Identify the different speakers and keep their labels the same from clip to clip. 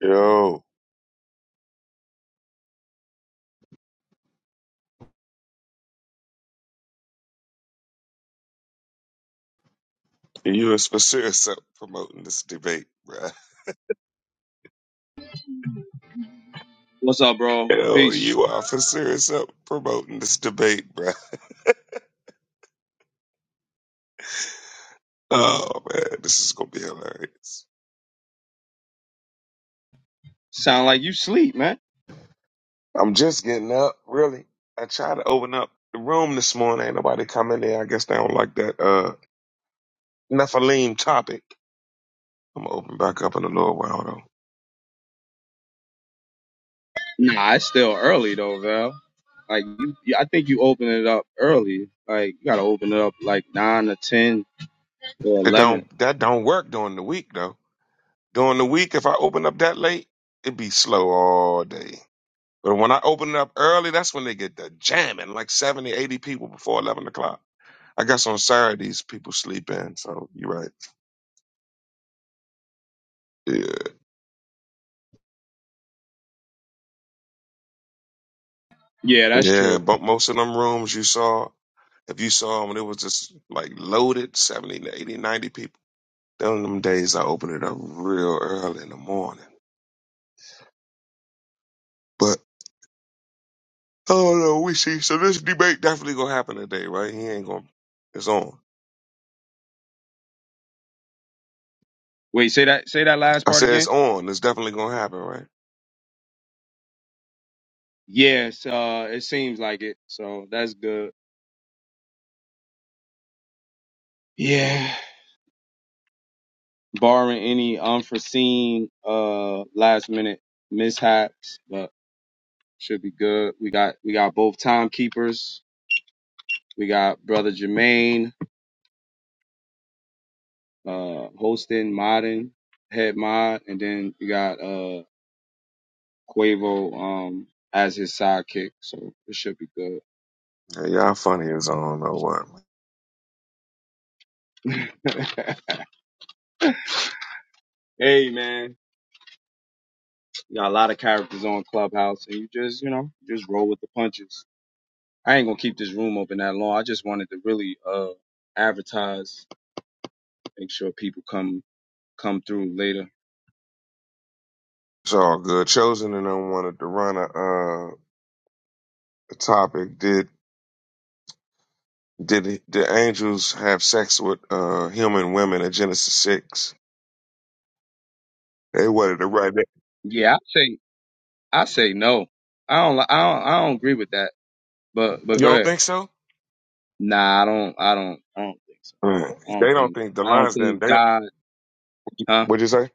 Speaker 1: Yo, you was for sure up promoting this debate, bruh.
Speaker 2: What's up, bro?
Speaker 1: Yo,
Speaker 2: Peace.
Speaker 1: you are for sure up promoting this debate, bruh. Oh man, this is gonna be hilarious.
Speaker 2: Sound like you sleep, man.
Speaker 1: I'm just getting up, really. I tried to open up the room this morning. Ain't nobody come in there. I guess they don't like that uh Nephilim topic. I'm gonna open back up in a little while though.
Speaker 2: Nah, it's still early though, Val. Like you, I think you open it up early. Like you gotta open it up like nine or ten or
Speaker 1: It
Speaker 2: eleven.
Speaker 1: don't that don't work during the week though. During the week, if I open up that late, it'd be slow all day. But when I open it up early, that's when they get the jamming, like 70, 80 people before 11 o'clock. I guess on Saturdays, people sleep in. So you're right. Yeah.
Speaker 2: Yeah, that's
Speaker 1: Yeah.
Speaker 2: true.
Speaker 1: But most of them rooms you saw, if you saw them, it was just like loaded 70, to 80, ninety people. Then them days I open it up real early in the morning. But oh no, we see. So this debate definitely going to happen today, right? He ain't going to. It's on.
Speaker 2: Wait, say that. Say that last
Speaker 1: I
Speaker 2: part
Speaker 1: said it's
Speaker 2: again.
Speaker 1: on. It's definitely going to happen, right?
Speaker 2: Yes, uh, it seems like it. So that's good. Yeah. Barring any unforeseen uh last minute mishaps, but should be good. We got we got both timekeepers. We got brother Jermaine uh, hosting, modding, head mod, and then you got uh, Quavo um, as his sidekick. So it should be good.
Speaker 1: Yeah, y'all funny. It's on. or what?
Speaker 2: hey man, you got a lot of characters on Clubhouse, and you just you know just roll with the punches. I ain't gonna keep this room open that long. I just wanted to really uh, advertise, make sure people come come through later.
Speaker 1: It's all good. Chosen and I wanted to run a, uh, a topic. Did did the angels have sex with uh, human women in Genesis six? They wanted to write that.
Speaker 2: Yeah, I say I say no. I don't li- I don't I don't agree with that. But but
Speaker 1: You
Speaker 2: go
Speaker 1: don't
Speaker 2: ahead.
Speaker 1: think so?
Speaker 2: Nah, I don't I don't I don't think so.
Speaker 1: Mm.
Speaker 2: I
Speaker 1: They
Speaker 2: don't
Speaker 1: don't
Speaker 2: think.
Speaker 1: think the
Speaker 2: I don't
Speaker 1: lines. Then
Speaker 2: think
Speaker 1: they.
Speaker 2: God, huh?
Speaker 1: What'd you say?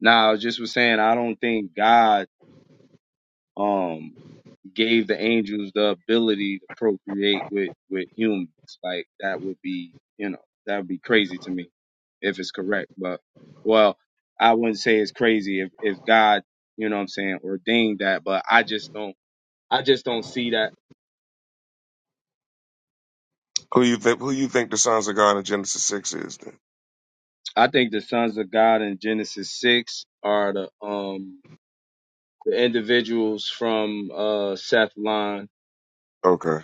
Speaker 2: Nah, I was just was saying I don't think God um gave the angels the ability to procreate with with humans. Like that would be, you know, that would be crazy to me if it's correct. But well, I wouldn't say it's crazy if if God, you know what I'm saying, ordained that, but I just don't I just don't see that.
Speaker 1: Who you think? Who you think the sons of God in Genesis six is? Then
Speaker 2: I think the sons of God in Genesis 6 are the um the individuals from uh Seth line
Speaker 1: okay.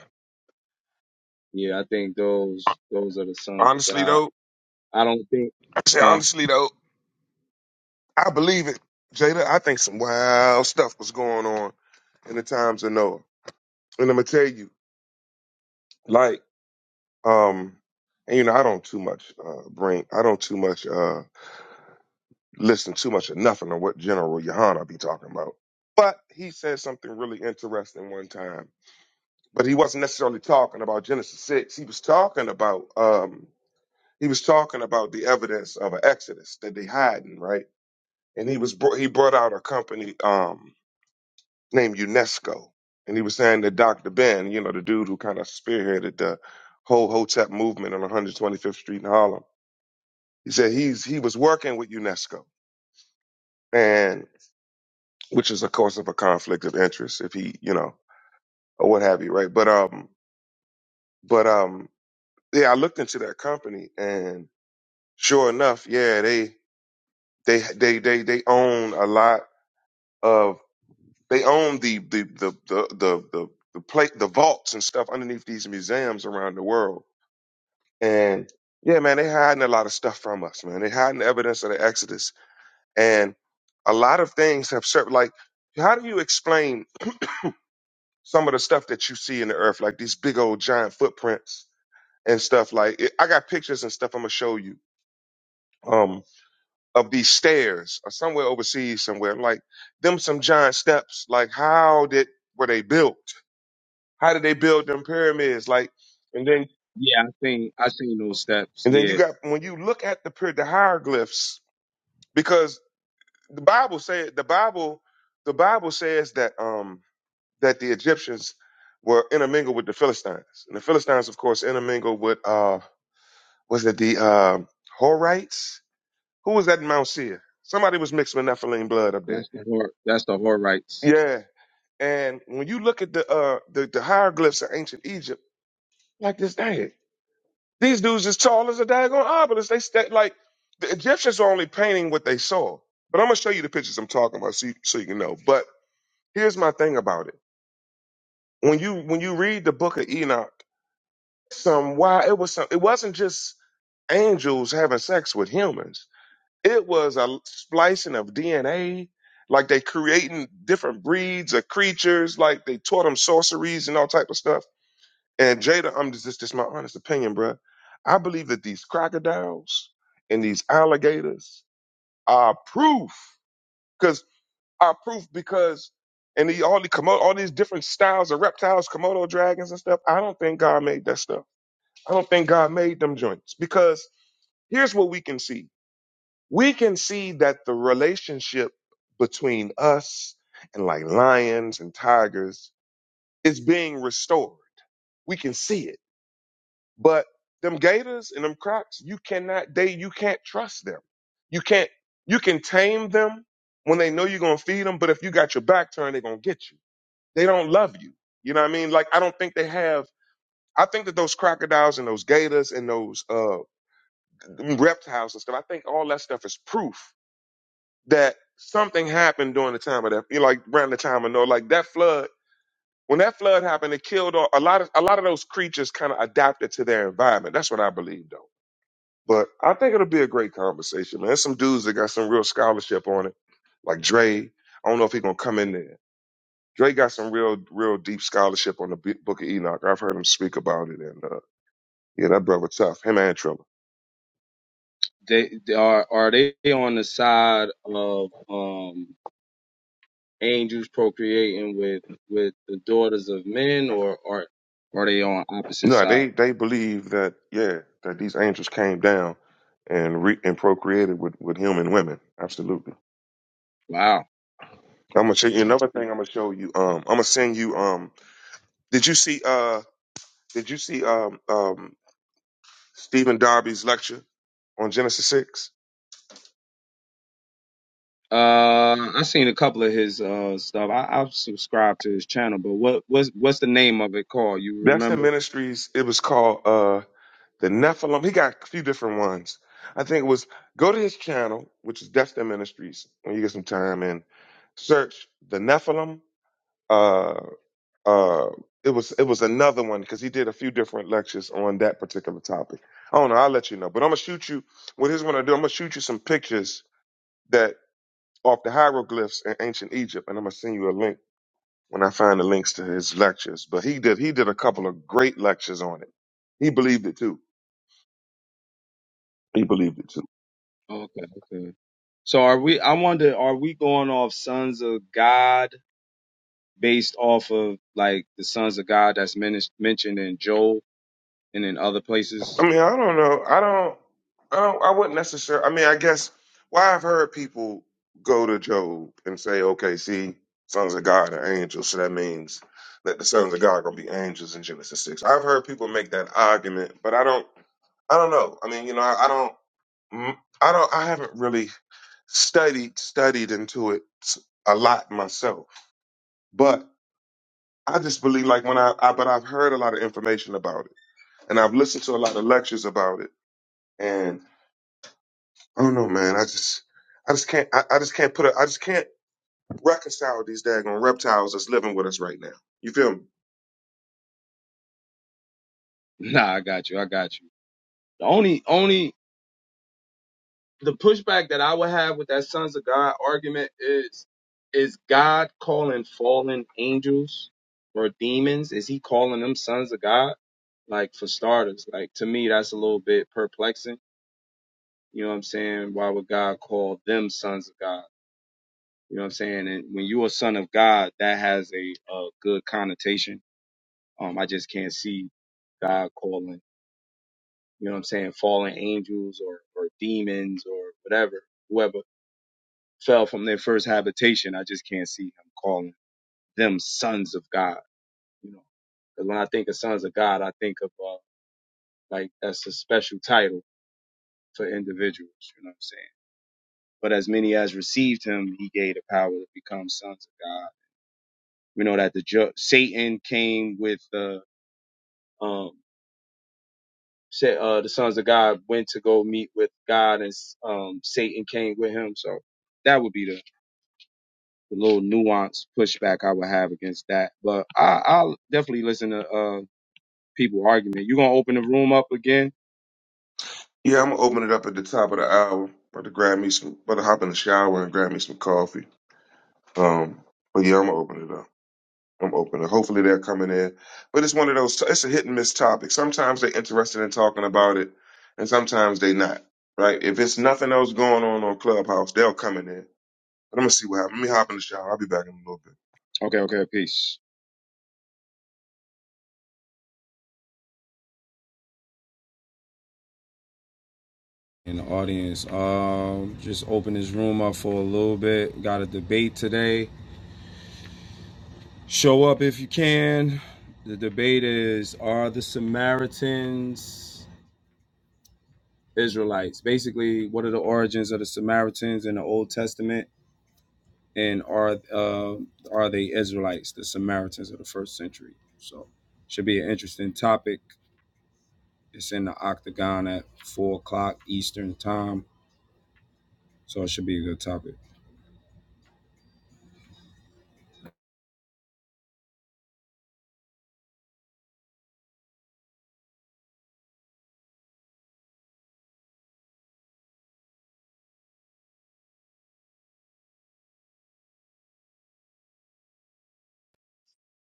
Speaker 2: Yeah, I think those those are the sons of
Speaker 1: Honestly
Speaker 2: God.
Speaker 1: though,
Speaker 2: I don't think,
Speaker 1: I say
Speaker 2: huh?
Speaker 1: honestly though, I believe it, Jada. I think some wild stuff was going on in the times of Noah, and I'm gonna tell you, like. Um, and you know, I don't too much uh, bring, I don't too much uh, listen too much of nothing on what General Yohana be talking about. But he said something really interesting one time. But he wasn't necessarily talking about Genesis six. He was talking about um, he was talking about the evidence of an Exodus that they hiding right. And he was br- he brought out a company um, named UNESCO, and he was saying that Dr. Ben, you know, the dude who kind of spearheaded the whole Hotep movement on 125th Street in Harlem He said he's he was working with UNESCO, and which is a course of a conflict of interest if he you know or what have you, right? But um, but um, yeah, I looked into that company, and sure enough, yeah, they they they they they own a lot of they own the the the the the the, the plate the vaults and stuff underneath these museums around the world, and yeah, man, they hiding a lot of stuff from us, man. They hiding evidence of the Exodus And a lot of things have served. Like, how do you explain some of the stuff that you see in the earth, like these big old giant footprints and stuff? Like, it, I got pictures and stuff I'm gonna show you um, of these stairs or somewhere overseas, somewhere like them some giant steps. Like, how did were they built? How did they build them pyramids? Like, and then
Speaker 2: Yeah, I think I seen those steps.
Speaker 1: and then you
Speaker 2: Yeah,
Speaker 1: got when you look at the pyra- the hieroglyphs because the Bible said the Bible the Bible says that um that the Egyptians were intermingled with the Philistines, and the Philistines, of course, intermingled with uh, was it the uh, Horites? Who was that in Mount Seir? Somebody was mixed with Nephilim blood up there.
Speaker 2: that's the hor that's the Horites.
Speaker 1: Yeah, and when you look at the uh, the, the hieroglyphs of ancient Egypt, like this, dang, these dudes is tall as a daggone obelisk. They sta like the Egyptians are only painting what they saw. But I'm gonna show you the pictures I'm talking about, so you, so you can know. But here's my thing about it: when you when you read the Book of Enoch some why it was some it wasn't just angels having sex with humans. It was a splicing of DNA, like they creating different breeds of creatures, like they taught them sorceries and all type of stuff. And Jada, I'm just this is my honest opinion, bruh. I believe that these crocodiles and these alligators are proof, because are proof because and the, all the Komodo, all these different styles of reptiles, Komodo dragons and stuff. I don't think God made that stuff. I don't think God made them joints because here's what we can see. We can see that the relationship between us and like lions and tigers is being restored. We can see it. But them gators and them crocs, you cannot they you can't trust them. You can't you can tame them when they know you're going to feed them, but if you got your back turned, they're going to get you. They don't love you. You know what I mean? Like I don't think they have I think that those crocodiles and those gators and those uh, reptiles and stuff. I think all that stuff is proof that something happened during the time of that, you know, like around the time of Noah, like that flood. When that flood happened, it killed all, a lot of a lot of those creatures. Kind of adapted to their environment. That's what I believe, though. But I think it'll be a great conversation. man. There's some dudes that got some real scholarship on it, like Dre. I don't know if he's gonna come in there. Dre got some real, real deep scholarship on the B- Book of Enoch. I've heard him speak about it, and uh, yeah, that brother tough. Him and Triller.
Speaker 2: They, they are are they on the side of um angels procreating with with the daughters of men, or are are they on opposite
Speaker 1: No,
Speaker 2: side?
Speaker 1: they they believe that yeah that these angels came down and re- and procreated with with human women. Absolutely.
Speaker 2: Wow.
Speaker 1: I'm gonna show you another thing. I'm gonna show you. Um, I'm gonna send you. Um, did you see? Uh, did you see? Um, um, Stephen Darby's lecture on Genesis six.
Speaker 2: Uh, I seen a couple of his uh stuff. I I've subscribed to his channel, but what what's what's the name of it called? You
Speaker 1: That's the
Speaker 2: remember?
Speaker 1: ministries. It was called uh the Nephilim. He got a few different ones. I think it was go to his channel, which is Destin Ministries, when you get some time, and search the Nephilim. uh. uh it was it was another one because he did a few different lectures on that particular topic. I don't know. I'll let you know, but I'm gonna shoot you. What here's what I do. I'm gonna shoot you some pictures that off the hieroglyphs in ancient Egypt, and I'm gonna send you a link when I find the links to his lectures. But he did he did a couple of great lectures on it. He believed it too. He believed it too.
Speaker 2: Okay, okay. So are we, I wonder, are we going off sons of God based off of like the sons of God that's men- mentioned in Joel and in other
Speaker 1: I
Speaker 2: places?
Speaker 1: mean, I don't know. I don't. I don't. I wouldn't necessarily. I mean, I guess. Why I've heard people go to Job and say, "Okay, see, sons of God are angels, so that means that the sons of God are gonna be angels in Genesis 6. I've heard people make that argument, but I don't. I don't know. I mean, you know, I, I don't. mm, I don't. I haven't really studied studied into it s- a lot myself, but I just believe like when I, I but I've heard a lot of information about it, and I've listened to a lot of lectures about it, I don't know, man. I just, I just can't, I, I just can't put, a, I just can't reconcile these daggone reptiles that's living with us right now. You feel me?
Speaker 2: Nah, I got you. I got you. The only, only, the pushback that I would have with that sons of God argument is, is God calling fallen angels or demons? Is he calling them sons of God? Like for starters, like to me, that's a little bit perplexing You know what I'm saying? Why would God call them sons of God? You know what I'm saying? And when you're a son of God, that has a, a good connotation. Um, I just can't see God calling, you know what I'm saying, fallen angels or, or demons or whatever, whoever fell from their first habitation. I just can't see him calling them sons of God, you know? Because when I think of sons of God, I think of, uh, like, that's a special title for individuals, you know what I'm saying? But as many as received him, he gave the power to become sons of God. We know that the ju- Satan came with the um sa- uh the sons of God went to go meet with God, and um Satan came with him. So that would be the, the little nuance pushback I would have against that. But I, I'll definitely listen to uh people argument. You gonna open the room up again?
Speaker 1: Yeah, I'm gonna open it up at the top of the hour. About to grab me some, about to hop in the shower and grab me some coffee. Um, but yeah, I'm gonna open it up. I'm open it. Hopefully they're coming in. But it's one of those. It's a hit and miss topic. Sometimes they're interested in talking about it, and sometimes they not. Right? If it's nothing else going on on Clubhouse, they'll come in. But I'm gonna see what happens. Let me hop in the shower. I'll be back in a little bit.
Speaker 2: Okay, okay, peace. In the audience, um, just open this room up for a little bit. Got a debate today. Show up if you can. The debate is Are the Samaritans Israelites? Basically, what are the origins of the Samaritans in the Old Testament? And are uh, are they Israelites, the Samaritans of the first century? So, should be an interesting topic. It's in the octagon at four o'clock Eastern time, so it should be a good topic.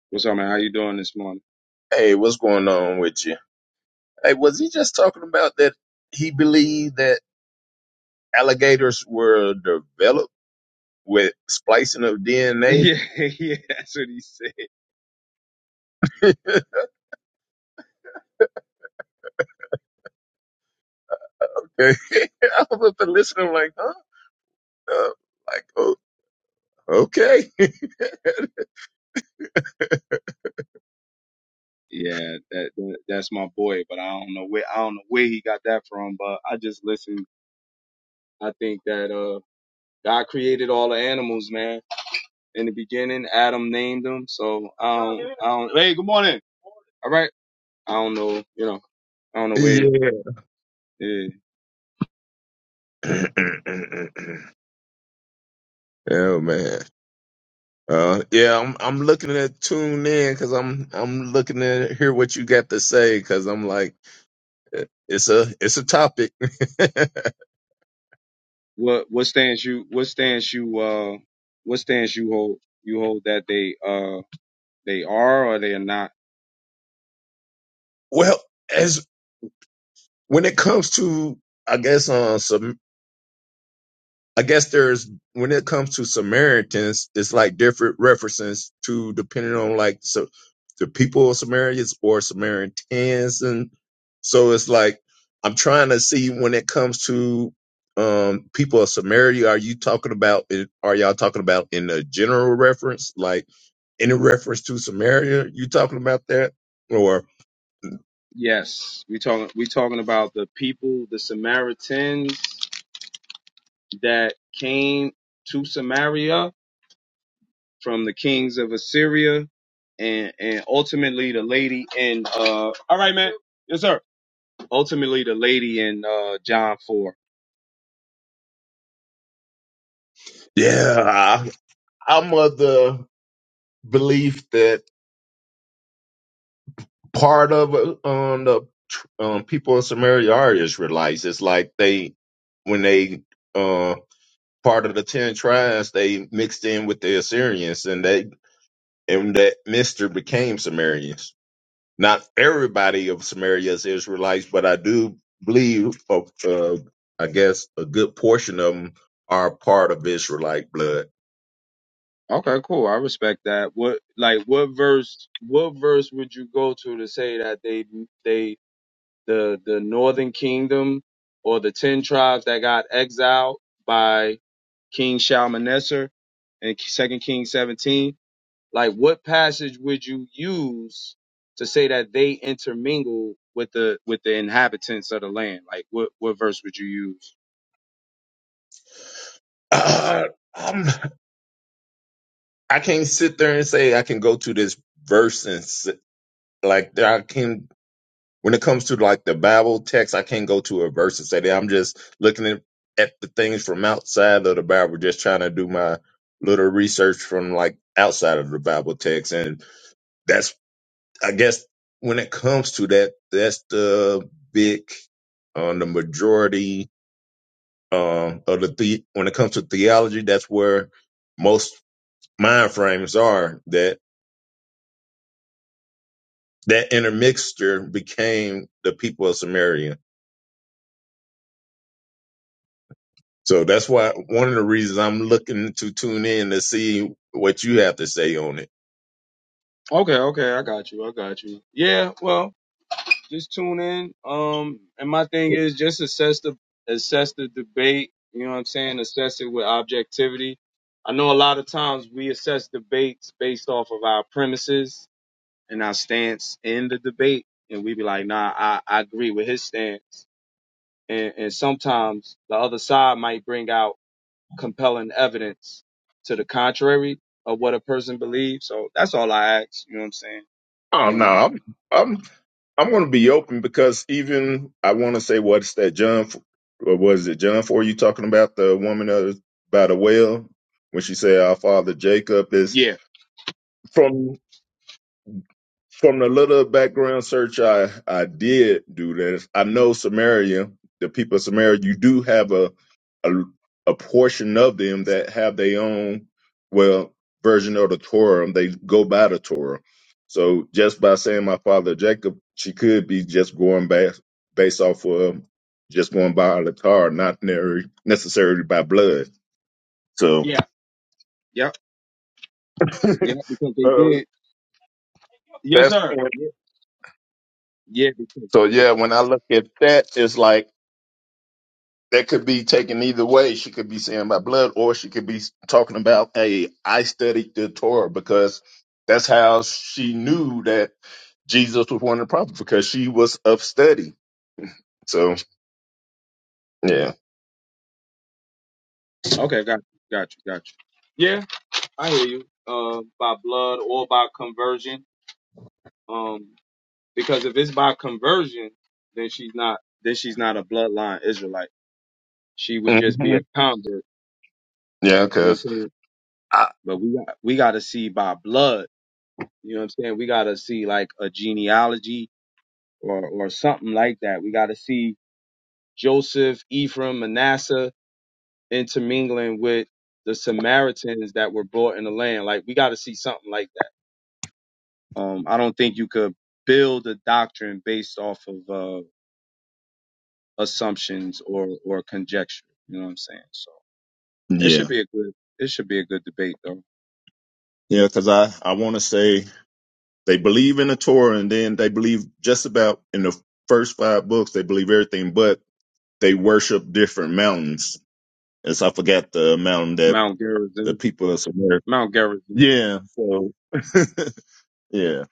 Speaker 2: What's up, man? How you doing this morning?
Speaker 3: Hey, what's going on with you? Hey, was he just talking about that he believed that alligators were developed with splicing of DNA?
Speaker 2: yeah, yeah, that's what he said.
Speaker 3: I was up and listening, like, huh? Uh, like, oh, okay,
Speaker 2: Yeah, that that's my boy, but I don't know where I don't know where he got that from, but I just listen. I think that uh God created all the animals, man. In the beginning, Adam named them, so I don't I don't Hey, good morning. All right. I don't know, you know, I don't know where
Speaker 3: yeah.
Speaker 2: yeah.
Speaker 3: oh man. Uh, yeah, I'm I'm looking at tune in because I'm I'm looking to hear what you got to say because I'm like eh, it's a it's a topic.
Speaker 2: what what stance you what stance you uh what stance you hold you hold that they uh they are or they are not.
Speaker 3: well, as when it comes to i guess uh some i guess there's when it comes to samaritans it's like different references to depending on like so the people of samaritans or samaritans and so it's like i'm trying to see when it comes to um people of samaria are you talking about it are y'all talking about in a general reference like any reference to samaria you talking about that or
Speaker 2: Yes. We talking we talking about the people, the Samaritans that came to Samaria from the kings of Assyria and and ultimately the lady in uh all right man yes sir ultimately the lady in uh John 4
Speaker 3: yeah I, i'm of the belief that part of uh, um, the tr- um, people in Samaria are Israelites. It's like they, when they uh, part of the ten tribes, they mixed in with the Assyrians, and they and that mixture became Sumerians. Not everybody of Samaria is Israelites, but I do believe, uh, uh, I guess, a good portion of them are part of Israelite blood.
Speaker 2: okay cool i respect that what like what verse what verse would you go to to say that they they the the northern kingdom or the 10 tribes that got exiled by King Shalmaneser in Second Kings 17 Like, what passage would you use to say that they intermingle with the with the inhabitants of the land? Like, what what verse would you use?
Speaker 3: Uh, I'm, I can't sit there and say I can go to this verse and s- like I can when it comes to like the Bible text, I can't go to a verse and say that. I'm just looking at, at the things from outside of the Bible, just trying to do my little research from like outside of the Bible text. And that's, I guess, when it comes to that, that's the big, uh, the majority um, of the, the, when it comes to theology, that's where most mind frames are that that intermixture became the people of Samaria So that's why one of the reasons I'm looking to tune in to see what you have to say on it.
Speaker 2: Okay, okay, I got you, I got you. Yeah, well, just tune in. Um, and my thing is just assess the assess the debate. You know what I'm saying? Assess it with objectivity. I know a lot of times we assess debates based off of our premises and our stance in the debate, and we be like, nah, I, I agree with his stance and, and sometimes the other side might bring out compelling evidence to the contrary of what a person believes. So that's all I ask. You know what I'm saying?
Speaker 3: Oh no,
Speaker 2: Um,
Speaker 3: I'm I'm I'm going to be open because even I want to say what's that John? F- or Was it John for you talking about the woman of, by the well when she said our father Jacob is
Speaker 2: yeah,
Speaker 3: from from the little background search I I did do this. I know Samaria, the people of Samaria, you do have a a, a portion of them that have their own well version of the Torah. They go by the Torah. So just by saying my father Jacob, she could be just going back based off of just going by the Torah, not ner- necessarily by blood. So,
Speaker 2: yeah, yep, yep. Because they
Speaker 3: so
Speaker 2: did. Yes,
Speaker 3: that's
Speaker 2: sir. Yeah, yeah. Because,
Speaker 3: so yeah. When I look at that, it's like. that could be taken either way. She could be saying by blood, or she could be talking about, "Hey, I studied the Torah because that's how she knew that Jesus was one of the prophets because she was of study." So yeah,
Speaker 2: okay, got you, got you, got you. Yeah, I hear you. Uh, by blood or by conversion. Um, because if it's by conversion, then she's not then she's not a bloodline Israelite. She would just be
Speaker 3: hmm
Speaker 2: a convert.
Speaker 3: yeah,
Speaker 2: You know what
Speaker 3: because
Speaker 2: I'm saying?
Speaker 3: I
Speaker 2: But we got we got to see by blood. You know what I'm saying? We got to see like a genealogy or or something like that. We got to see Joseph, Ephraim, Manasseh intermingling with the Samaritans that were brought in the land. Like we got to see something like that. Um, I don't think you could build a doctrine based off of uh, assumptions or or conjecture. You know what I'm saying? So it
Speaker 3: yeah
Speaker 2: should be a good it should be a good debate though.
Speaker 3: yeah because I I want to say they believe in the Torah and then they believe just about in the first five books they believe everything, but they worship different mountains. As I forgot the mountain that
Speaker 2: Mount
Speaker 3: the
Speaker 2: Gerizim,
Speaker 3: people of Samaria
Speaker 2: Mount Gerizim.
Speaker 3: Yeah. So yeah,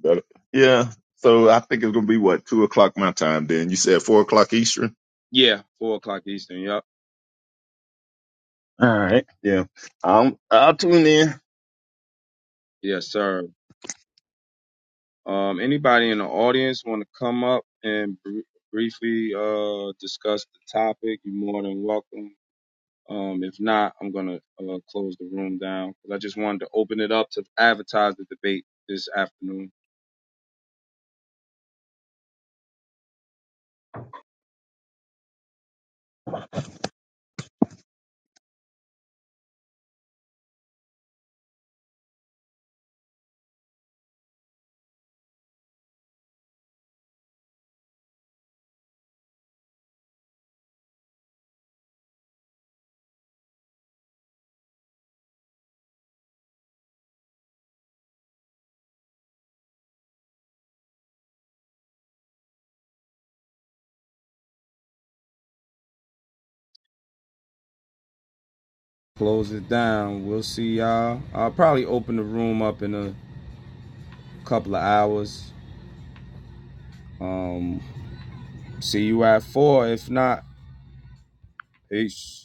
Speaker 3: But, yeah. So I think it's gonna be what two o'clock my time. Then you said four o'clock Eastern.
Speaker 2: Yeah, four o'clock Eastern. Yup.
Speaker 3: All right. Yeah. Um, I'll tune in.
Speaker 2: Yes, sir. Um, anybody in the audience want to come up and br- briefly uh, discuss the topic? You're more than welcome. Um, if not, I'm gonna uh, close the room down because I just wanted to open it up to advertise the debate this afternoon. Close it down. We'll see y'all. I'll probably open the room up in a couple of hours. Um, see you at four. If not, peace.